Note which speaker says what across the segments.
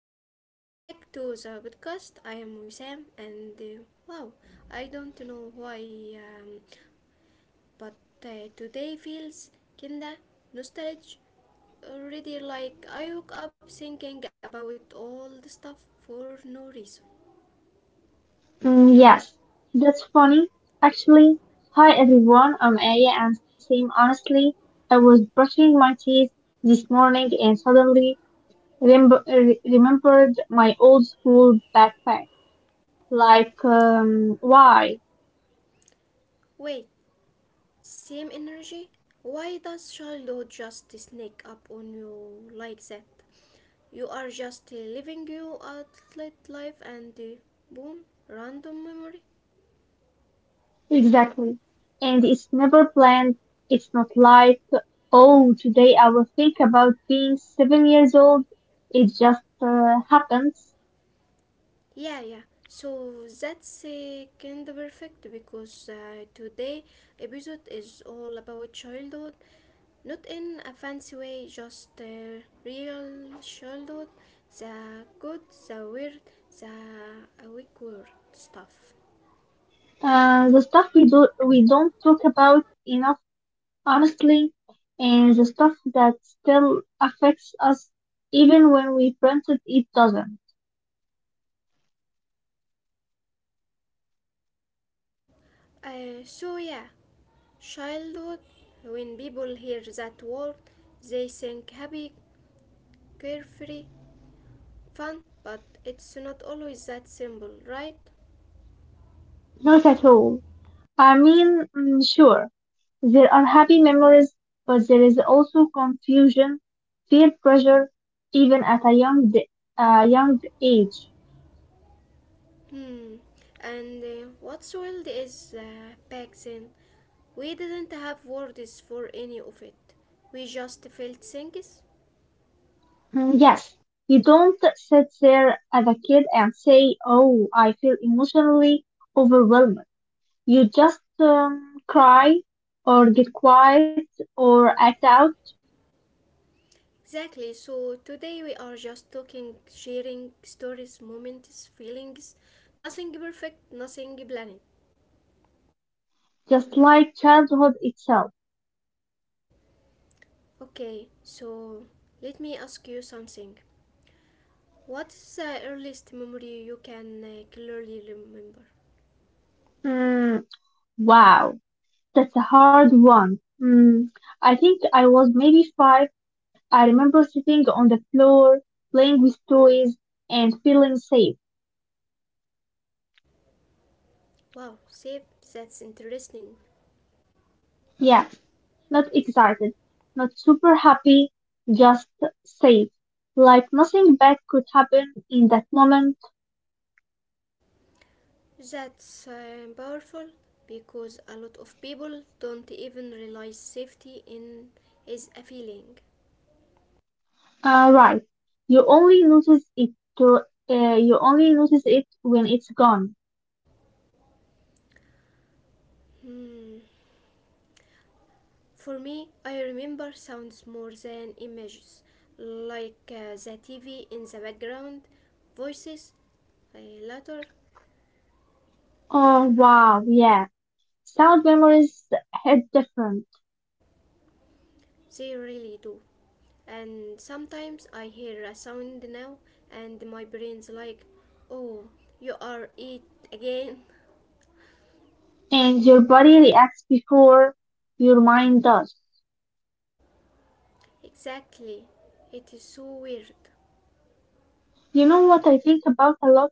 Speaker 1: Oh, welcome back to the podcast. I am Wissam and wow, I don't know why, um, but today feels kinda nostalgic already. Like I woke up thinking about all the stuff for no reason.
Speaker 2: Yes, that's funny. Actually, hi everyone, I'm Aya and Sam. Honestly, I was brushing my teeth this morning and suddenly remembered my old school backpack. Like, why?
Speaker 1: Wait, same energy? Why does childhood just sneak up on you like that? You are just living your outlet life and boom, random memory.
Speaker 2: Exactly. And it's never planned. It's not like, oh, today I will think about being 7 years old. It just happens.
Speaker 1: Yeah, yeah. So that's kind of perfect because today episode is all about childhood, not in a fancy way, just real childhood, the good, the weird, the awkward stuff.
Speaker 2: The stuff we do, we don't talk about enough. Honestly, and the stuff that still affects us even when we printed it doesn't.
Speaker 1: So yeah, childhood. When people hear that word, they think happy, carefree, fun, but it's not always that simple, right?
Speaker 2: Not at all. I mean, sure, there are happy memories, but there is also confusion, peer pressure, even at a a young age.
Speaker 1: Hmm. And what's wild is back then we didn't have words for any of it. We just felt things.
Speaker 2: Yes, you don't sit there as a kid and say, oh, I feel emotionally overwhelmed. You just cry or get quiet or act out
Speaker 1: Exactly. So today we are just talking, sharing stories, moments, feelings. Nothing perfect, nothing planned.
Speaker 2: just like childhood itself.
Speaker 1: Okay. So let me ask you something. What is the earliest memory you can clearly remember?
Speaker 2: Mm, Wow, that's a hard one. I think I was maybe five. I remember sitting on the floor, playing with toys, and feeling safe.
Speaker 1: Wow, save, that's interesting.
Speaker 2: Yeah, not excited, not super happy, just safe. Like nothing bad could happen in that moment.
Speaker 1: That's powerful because a lot of people don't even realize safety in is a feeling.
Speaker 2: Right. You only notice it to, you only notice it when it's gone.
Speaker 1: Hmm. For me, I remember sounds more than images, like the TV in the background, voices. Uh, later,
Speaker 2: Oh wow, yeah. Sound memories hit different,
Speaker 1: they really do. And sometimes I hear a sound now, and my brain's like, "Oh, you are it again."
Speaker 2: and your body reacts before your mind does.
Speaker 1: Exactly. It is so weird.
Speaker 2: You know what I think about a lot?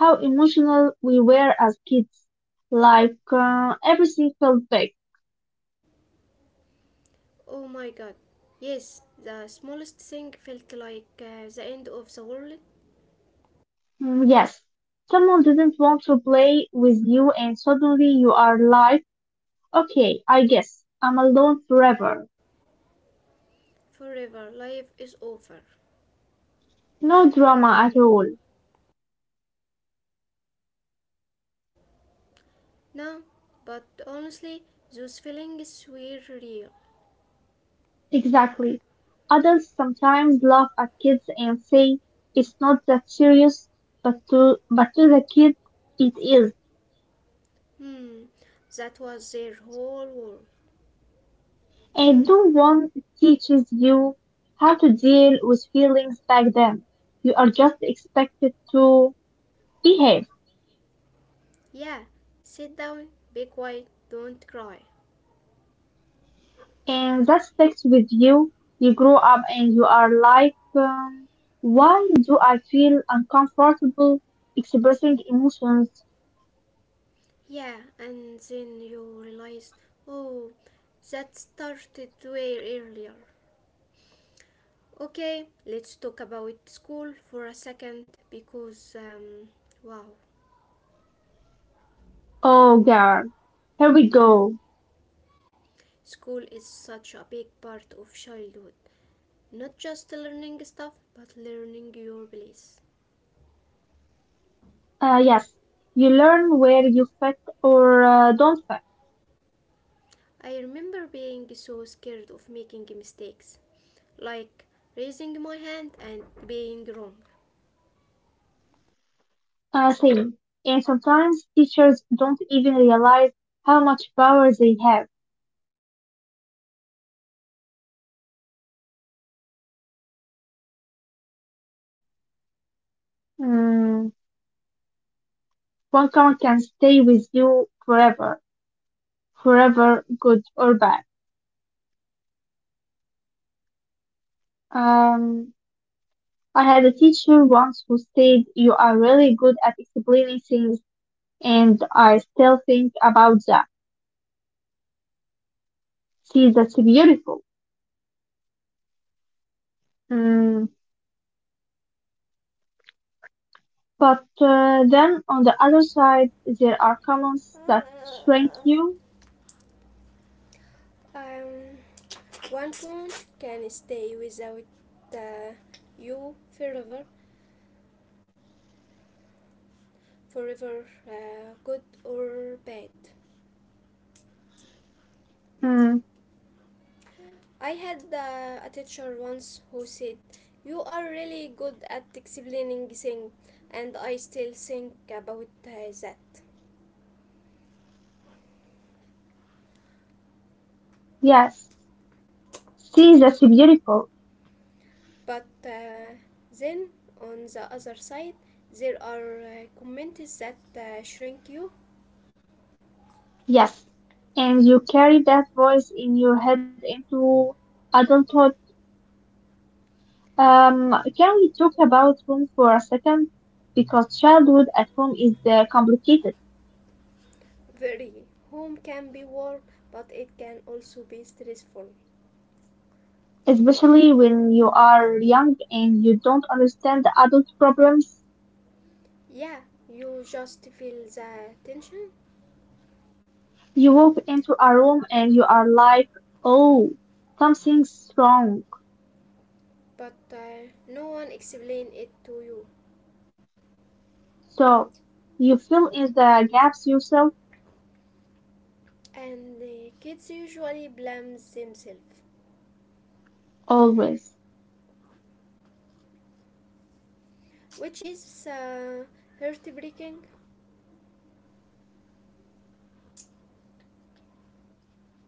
Speaker 2: How emotional we were as kids. Like, everything felt big.
Speaker 1: Oh my god. Yes, the smallest thing felt like the end of the world
Speaker 2: Yes, someone didn't want to play with you, and suddenly you are like, okay, I guess I'm alone forever.
Speaker 1: forever. Life is over.
Speaker 2: No drama at all.
Speaker 1: No, but honestly, those feelings were real.
Speaker 2: Exactly. Adults sometimes laugh at kids and say it's not that serious, but to the kid it is.
Speaker 1: Hmm, that was their whole world.
Speaker 2: And no one teaches you how to deal with feelings back then. You are just expected to behave,
Speaker 1: Yeah, sit down, be quiet, don't cry.
Speaker 2: and that sticks with you. You grow up and you are like, why do I feel uncomfortable expressing emotions?
Speaker 1: Yeah, and then you realize, oh, that started way earlier. Okay, let's talk about school for a second because, wow.
Speaker 2: Oh, girl, here we go.
Speaker 1: School is such a big part of childhood, not just learning stuff, but learning your place.
Speaker 2: Yes, you learn where you fit or don't fit.
Speaker 1: I remember being so scared of making mistakes, like raising my hand and being wrong.
Speaker 2: Same. And sometimes teachers don't even realize how much power they have. Mm, one comment can stay with you forever, forever, good or bad. Um, I had a teacher once who said, you are really good at explaining things, and I still think about that. See, that's beautiful. Mm, But then on the other side, there are comments that shrink you.
Speaker 1: Um, one phone can stay without uh, you forever, forever good or bad.
Speaker 2: Hmm,
Speaker 1: I had a teacher once who said, you are really good at explaining things, and I still think about that.
Speaker 2: yes. See, that's beautiful.
Speaker 1: But then, on the other side, there are comments that shrink you.
Speaker 2: Yes. And you carry that voice in your head into adulthood. Can we talk about home for a second? Because childhood at home is complicated,
Speaker 1: Very. Home can be warm, but it can also be stressful.
Speaker 2: especially when you are young and you don't understand the adult problems.
Speaker 1: Yeah, you just feel the tension,
Speaker 2: You walk into a room and you are like, oh, something's wrong.
Speaker 1: but no one explains it to you.
Speaker 2: So, you fill in the gaps yourself
Speaker 1: And the kids usually blame themselves,
Speaker 2: always.
Speaker 1: which is heartbreaking.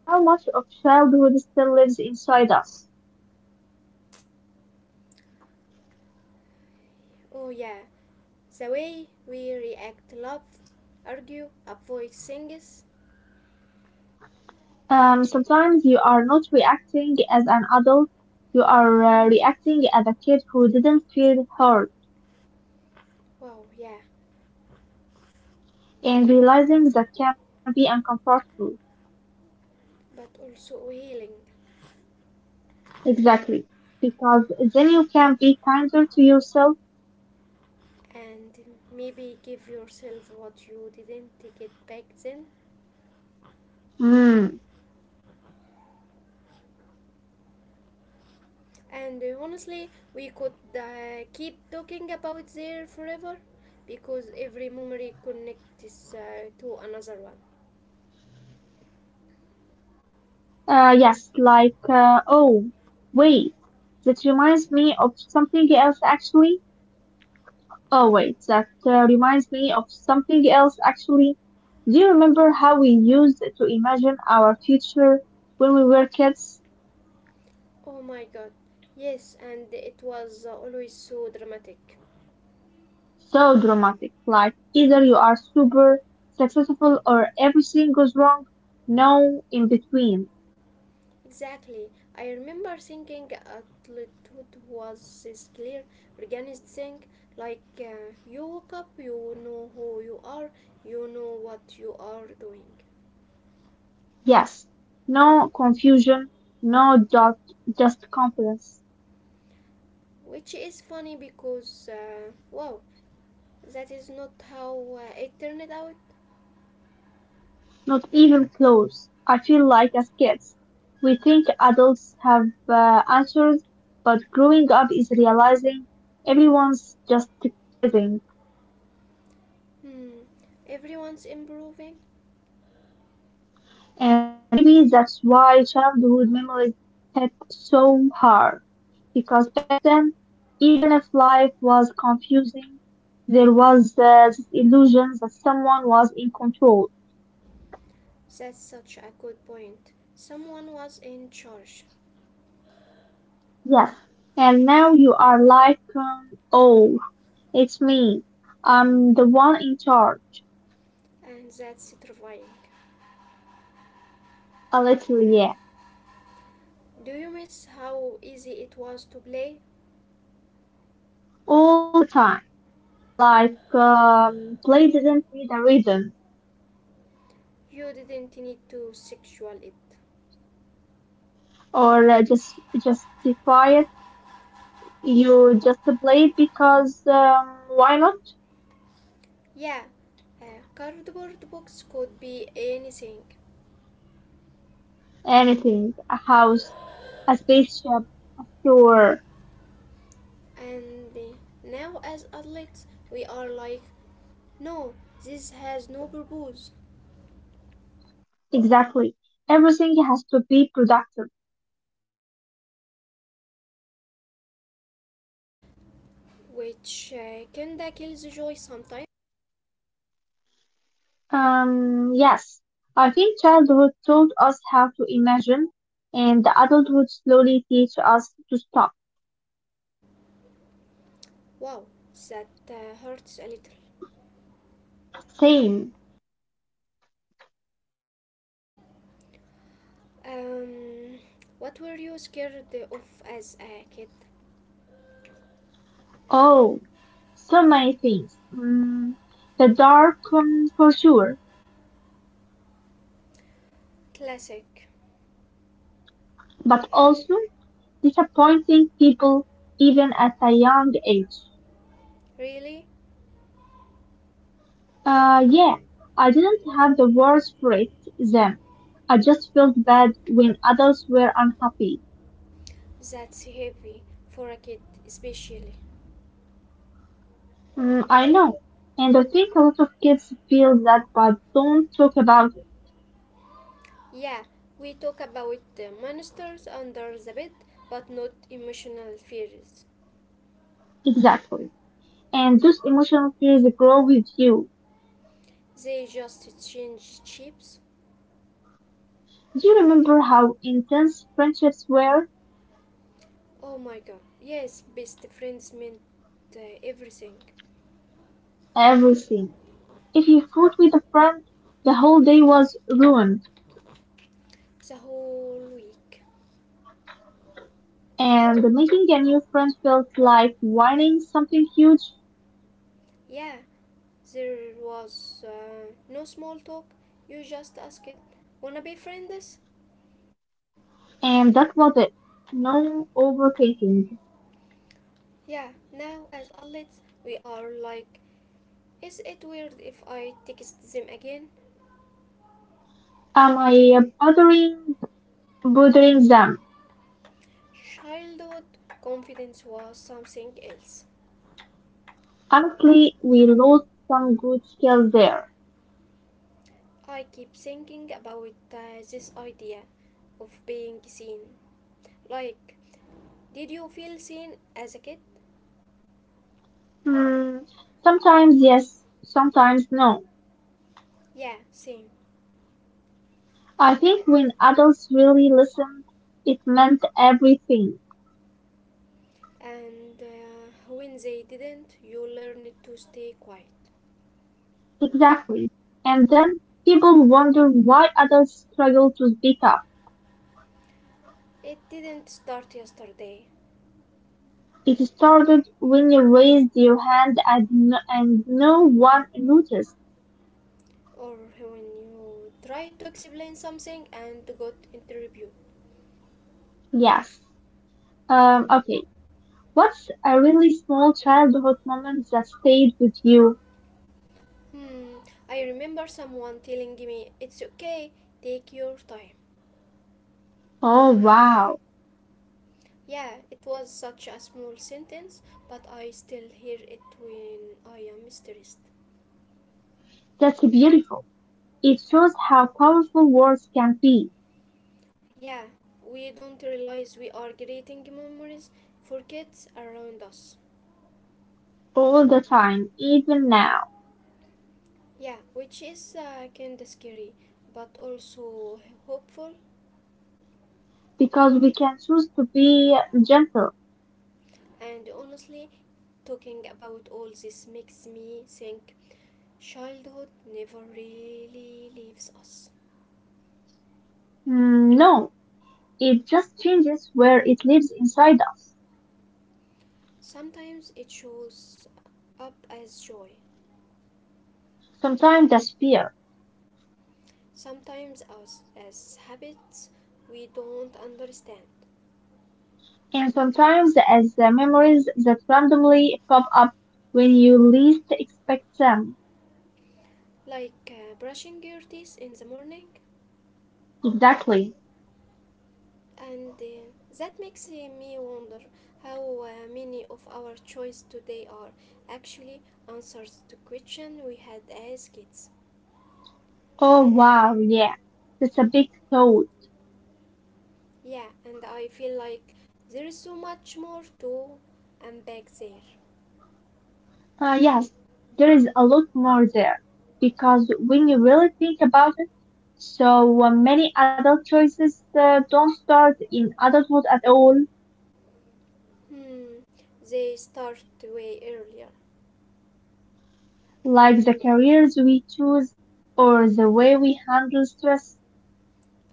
Speaker 2: How much of childhood still lives inside us?
Speaker 1: Oh yeah, the way we react, love, argue, avoid things.
Speaker 2: Sometimes you are not reacting as an adult, you are reacting as a kid who didn't feel heard,
Speaker 1: Wow, yeah,
Speaker 2: and realizing that can be uncomfortable.
Speaker 1: but also healing,
Speaker 2: Exactly. Because then you can be kinder to yourself.
Speaker 1: and maybe give yourself what you didn't get back then.
Speaker 2: Mm.
Speaker 1: And honestly, we could keep talking about there forever because every memory connects to another one.
Speaker 2: Yes, like, oh, wait, that reminds me of something else actually. Oh, wait, that reminds me of something else actually. Do you remember how we used to imagine our future when we were kids?
Speaker 1: Oh my god. Yes, and it was always so dramatic.
Speaker 2: So dramatic, like either you are super successful or everything goes wrong. No in between.
Speaker 1: Exactly. I remember thinking adulthood was this clear, organized thing. Like you woke up, you know who you are, you know what you are doing.
Speaker 2: Yes. No confusion. No doubt, just confidence.
Speaker 1: Which is funny because, wow, that is not how it turned out.
Speaker 2: Not even close. I feel like as kids, we think adults have answers, but growing up is realizing everyone's just guessing.
Speaker 1: Hmm, everyone's improving.
Speaker 2: And maybe that's why childhood memories hit so hard. Because back then, even if life was confusing, there was this illusion that someone was in control.
Speaker 1: That's such a good point. Someone was in charge.
Speaker 2: Yes. And now you are like, oh, it's me. I'm the one in charge.
Speaker 1: And that's terrifying.
Speaker 2: A little, yeah.
Speaker 1: Do you miss how easy it was to play?
Speaker 2: All the time. Like, play didn't need a reason
Speaker 1: You didn't need to sexual it.
Speaker 2: or just justify it. You just play it because, why not?
Speaker 1: Yeah, a cardboard box could be anything.
Speaker 2: Anything. A house, a spaceship, a store.
Speaker 1: And now, as adults, we are like, no, this has no purpose,
Speaker 2: Exactly. Everything has to be productive.
Speaker 1: which kinda kills the joy sometimes.
Speaker 2: Yes. I think childhood taught us how to imagine and adulthood slowly teaches us to stop.
Speaker 1: Wow, that hurts a little.
Speaker 2: Same.
Speaker 1: Um, what were you scared of as a kid?
Speaker 2: Oh, so many things. The dark, for sure,
Speaker 1: Classic.
Speaker 2: but also disappointing people even at a young age.
Speaker 1: Really?
Speaker 2: Yeah, I didn't have the words for it then. I just felt bad when others were unhappy.
Speaker 1: That's heavy for a kid, especially.
Speaker 2: I know, and I think a lot of kids feel that but don't talk about
Speaker 1: Yeah, we talk about the monsters under the bed, but not emotional fears.
Speaker 2: it. Exactly. And those emotional fears grow with you.
Speaker 1: They just change chips.
Speaker 2: Do you remember how intense friendships were?
Speaker 1: Oh my god. Yes, best friends meant everything.
Speaker 2: Everything. If you fought with a friend, the whole day was ruined,
Speaker 1: The whole week.
Speaker 2: and making a new friend felt like winning something huge,
Speaker 1: Yeah, there was no small talk. You just asked, wanna be friends?
Speaker 2: and that was it. No overthinking.
Speaker 1: Yeah, now as adults, we are like, is it weird if I text them again?
Speaker 2: Am I bothering them?
Speaker 1: Childhood confidence was something else.
Speaker 2: Honestly, we lost some good skills there.
Speaker 1: I keep thinking about this idea of being seen. Like, did you feel seen as a kid?
Speaker 2: Hmm, sometimes yes, sometimes no.
Speaker 1: Yeah, same.
Speaker 2: I think when adults really listened, it meant everything.
Speaker 1: And when they didn't, you learned to stay quiet.
Speaker 2: Exactly. And then people wonder why others struggle to speak up.
Speaker 1: It didn't start yesterday,
Speaker 2: It started when you raised your hand and no one noticed.
Speaker 1: or when you tried to explain something and got interrupted.
Speaker 2: Yes. Okay. What's a really small childhood moment that stayed with you?
Speaker 1: Hmm, I remember someone telling me it's okay, take your time.
Speaker 2: Oh, wow.
Speaker 1: Yeah, it was such a small sentence, but I still hear it when I am stressed.
Speaker 2: That's beautiful. It shows how powerful words can be
Speaker 1: Yeah, we don't realize we are creating memories for kids around us.
Speaker 2: all the time, even now,
Speaker 1: Yeah, which is kind of scary, but also hopeful.
Speaker 2: because we can choose to be gentle.
Speaker 1: And honestly, talking about all this makes me think childhood never really leaves us.
Speaker 2: Mm, no, it just changes where it lives inside us.
Speaker 1: Sometimes it shows up as joy,
Speaker 2: Sometimes as fear,
Speaker 1: sometimes as habits we don't understand,
Speaker 2: and sometimes as the memories that randomly pop up when you least expect them.
Speaker 1: like brushing your teeth in the morning.
Speaker 2: Exactly.
Speaker 1: And that makes me wonder how many of our choices today are actually answers to questions we had as kids.
Speaker 2: Oh wow, yeah. That's a big thought.
Speaker 1: Yeah, and I feel like there is so much more to unpack there.
Speaker 2: Ah yes, there is a lot more there. Because when you really think about it, so many adult choices don't start in adulthood at all,
Speaker 1: Hmm, they start way earlier,
Speaker 2: like the careers we choose or the way we handle stress.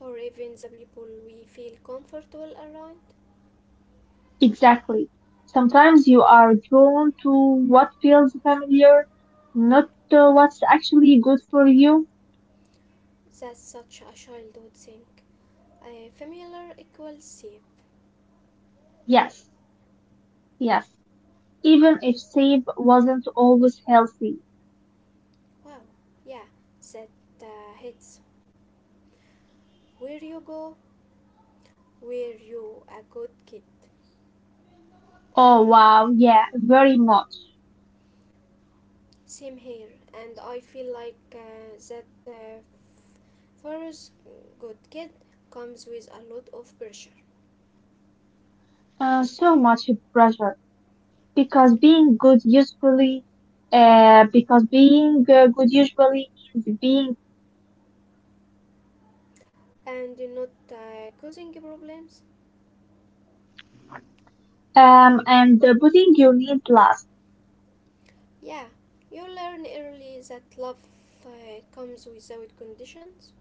Speaker 1: or even the people we feel comfortable around.
Speaker 2: Exactly. Sometimes you are drawn to what feels familiar, not to what's actually good for you.
Speaker 1: That's such a child would think, uh, familiar equals safe.
Speaker 2: Yes, yes. Even if Save wasn't always healthy.
Speaker 1: Wow, yeah, that hits. Where you go, where you a good kid.
Speaker 2: Oh, wow, yeah, very much.
Speaker 1: Same here, and I feel like that first good kid comes with a lot of pressure
Speaker 2: So much pressure. Because being good usually, because being good usually is being,
Speaker 1: and not causing problems.
Speaker 2: and putting your needs last,
Speaker 1: Yeah, you learn early that love comes without conditions.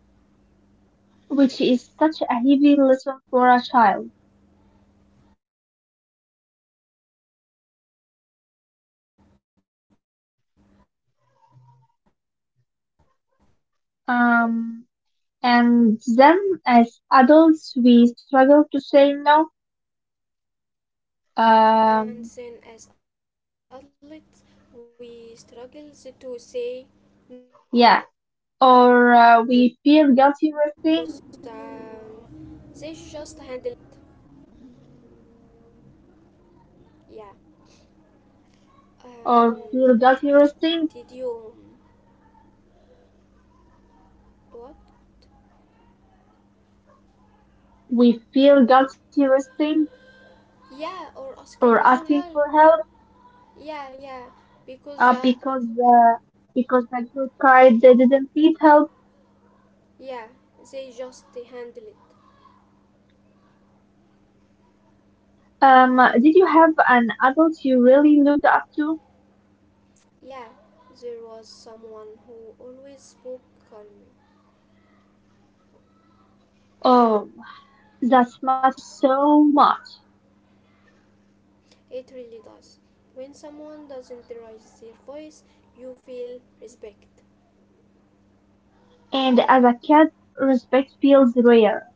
Speaker 2: which is such a heavy lesson for a child.
Speaker 1: And then as adults we struggle to say no,
Speaker 2: Um, And then as adults, we struggle to say no.
Speaker 1: or asking for help
Speaker 2: Um,
Speaker 1: because good kid didn't need help,
Speaker 2: yeah.
Speaker 1: they just handle
Speaker 2: Or
Speaker 1: it.
Speaker 2: uh, we feel guilty resting,
Speaker 1: Yeah. um,
Speaker 2: or feel guilty
Speaker 1: did
Speaker 2: resting.
Speaker 1: you what
Speaker 2: We feel guilty resting
Speaker 1: Yeah, or
Speaker 2: or
Speaker 1: asking for
Speaker 2: asking for
Speaker 1: help.
Speaker 2: help
Speaker 1: Yeah. Because
Speaker 2: uh, because uh, because my good guide they didn't need help.
Speaker 1: yeah, they just handle it.
Speaker 2: Did you have an adult you really looked up to?
Speaker 1: Yeah, there was someone who always spoke calmly.
Speaker 2: Oh, that matters so much.
Speaker 1: It really does. When someone doesn't raise their voice, you feel respect.
Speaker 2: And as a kid, respect feels rare.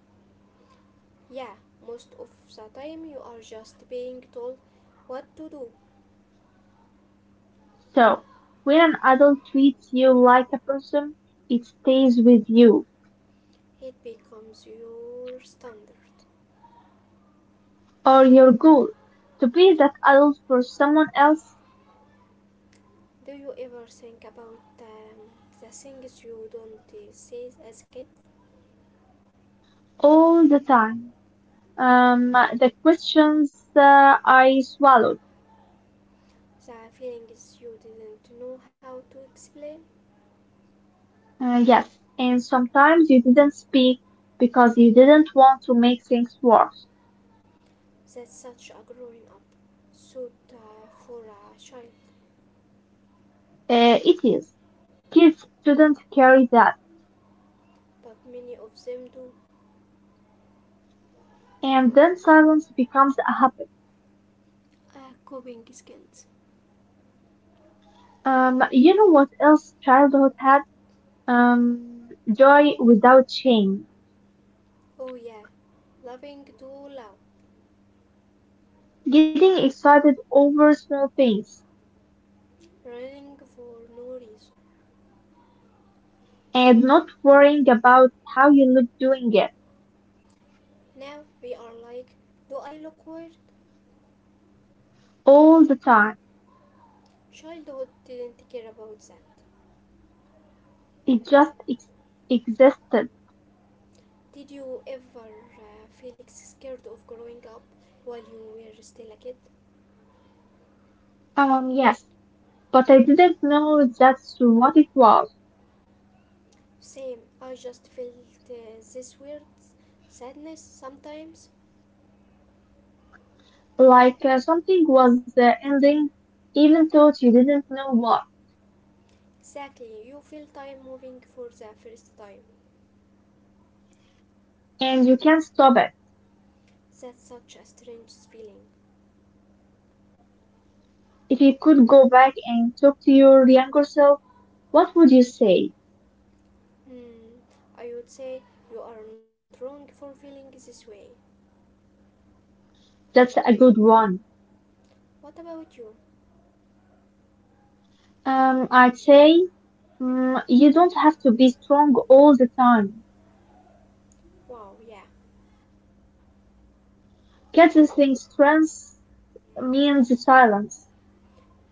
Speaker 1: Yeah, most of the time you are just being told what to do.
Speaker 2: So, when an adult treats you like a person, it stays with you.
Speaker 1: It becomes your standard.
Speaker 2: Or your goal to be that adult for someone else
Speaker 1: Do you ever think about the things you don't say as kids?
Speaker 2: all the time. The questions I swallowed.
Speaker 1: The feelings you didn't know how to explain?
Speaker 2: Yes, and sometimes you didn't speak because you didn't want to make things worse.
Speaker 1: That such a growing up suit for a child,
Speaker 2: It is. Kids shouldn't carry that.
Speaker 1: but many of them do.
Speaker 2: And then silence becomes a habit.
Speaker 1: Coping skills.
Speaker 2: You know what else childhood has? um, joy without shame,
Speaker 1: Oh, yeah, loving too loud,
Speaker 2: getting excited over small things,
Speaker 1: running for no reason.
Speaker 2: and not worrying about how you look doing it
Speaker 1: Now we are like, do I look weird?
Speaker 2: all the time.
Speaker 1: Childhood didn't care about that.
Speaker 2: It just existed.
Speaker 1: Did you ever feel scared of growing up while you were still a kid?
Speaker 2: Yes, but I didn't know that's what it was.
Speaker 1: Same, I just felt this weird sadness sometimes.
Speaker 2: Like something was ending, even though you didn't know what,
Speaker 1: Exactly, you feel time moving for the first time.
Speaker 2: and you can't stop it.
Speaker 1: That's such a strange feeling.
Speaker 2: If you could go back and talk to your younger self, what would you say?
Speaker 1: Hmm, I would say you are not wrong for feeling this way.
Speaker 2: That's a good one.
Speaker 1: What about you?
Speaker 2: I'd say you don't have to be strong all the time.
Speaker 1: Wow, yeah.
Speaker 2: Kids think strength means silence.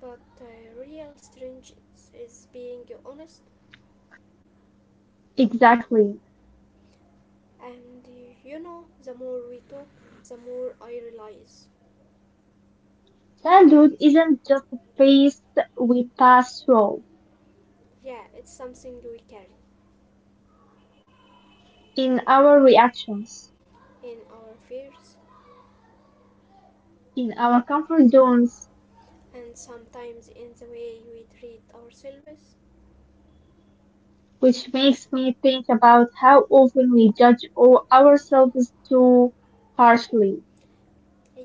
Speaker 1: But real strange is being honest.
Speaker 2: Exactly.
Speaker 1: And you know, the more we talk, the more I realize.
Speaker 2: Childhood isn't just a phase we pass through.
Speaker 1: Yeah, it's something we carry
Speaker 2: In our reactions,
Speaker 1: in our fears
Speaker 2: in our comfort zones,
Speaker 1: and sometimes in the way we treat ourselves.
Speaker 2: which makes me think about how often we judge all ourselves too harshly.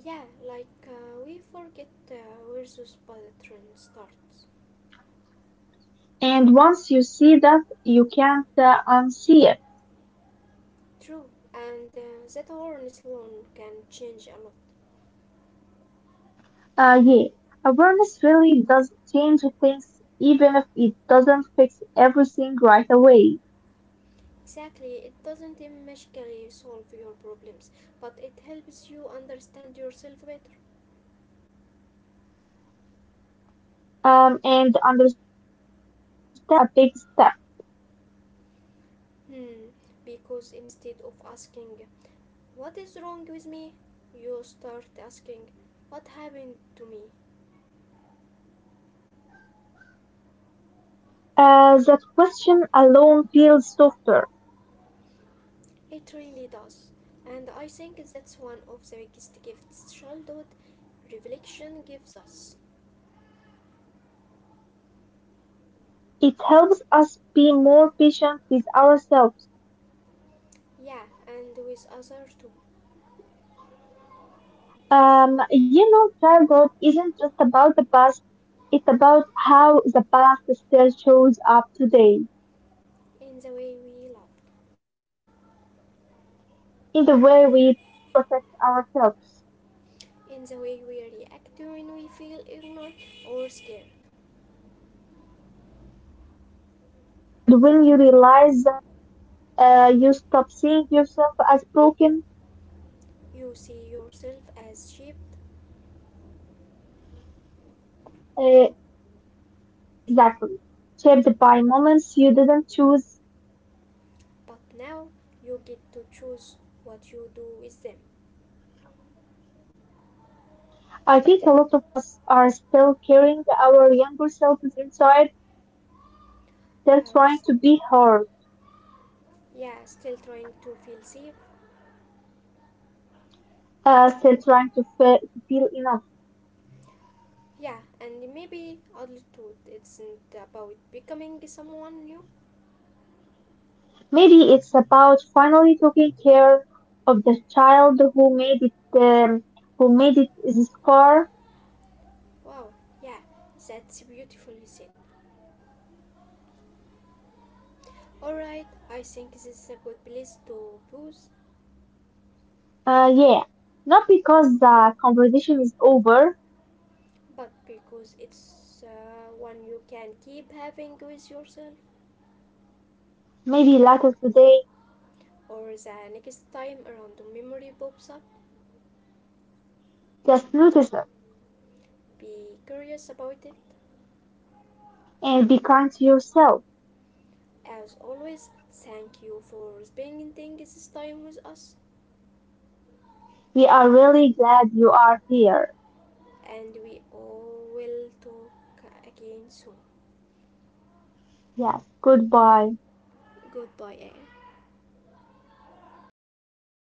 Speaker 1: Yeah, like we forget where this bullet train starts.
Speaker 2: And once you see that, you can't unsee it.
Speaker 1: True, and that awareness alone can change a lot.
Speaker 2: Yeah, awareness really does change things, even if it doesn't fix everything right away.
Speaker 1: Exactly, it doesn't magically solve your problems, but it helps you understand yourself better.
Speaker 2: And understanding is such a big step.
Speaker 1: Hmm, because instead of asking, what is wrong with me? You start asking, what happened to me?
Speaker 2: That question alone feels softer.
Speaker 1: It really does. And I think that's one of the biggest gifts childhood reflection gives us.
Speaker 2: It helps us be more patient with ourselves.
Speaker 1: Yeah, and with others too.
Speaker 2: You know, childhood isn't just about the past, it's about how the past still shows up today
Speaker 1: In the way we love,
Speaker 2: in the way we protect ourselves.
Speaker 1: in the way we react when we feel ignored or scared.
Speaker 2: And when you realize that you stop seeing yourself as broken.
Speaker 1: You see yourself as sheep,
Speaker 2: Uh, exactly. Shaped by moments you didn't choose.
Speaker 1: but now you get to choose what you do with them.
Speaker 2: I think a lot of us are still carrying our younger selves inside, still
Speaker 1: Uh,
Speaker 2: trying
Speaker 1: s-
Speaker 2: to be heard,
Speaker 1: yeah, still trying to feel safe.
Speaker 2: still trying to feel enough.
Speaker 1: Yeah, and maybe adulthood isn't about becoming someone new.
Speaker 2: Maybe it's about finally taking care of the child who made it this far.
Speaker 1: Wow, yeah, that's beautifully said. Alright, I think this is a good place to pause,
Speaker 2: Yeah, not because the conversation is over,
Speaker 1: but because it's one you can keep having with yourself,
Speaker 2: maybe later today
Speaker 1: or the next time a random memory pops up,
Speaker 2: just notice it
Speaker 1: be curious about it.
Speaker 2: and be kind to yourself.
Speaker 1: As always, thank you for spending this time with us,
Speaker 2: We are really glad you are here.
Speaker 1: and we all will talk again soon.
Speaker 2: Yes, goodbye.
Speaker 1: Goodbye, Anne.
Speaker 2: Goodbye.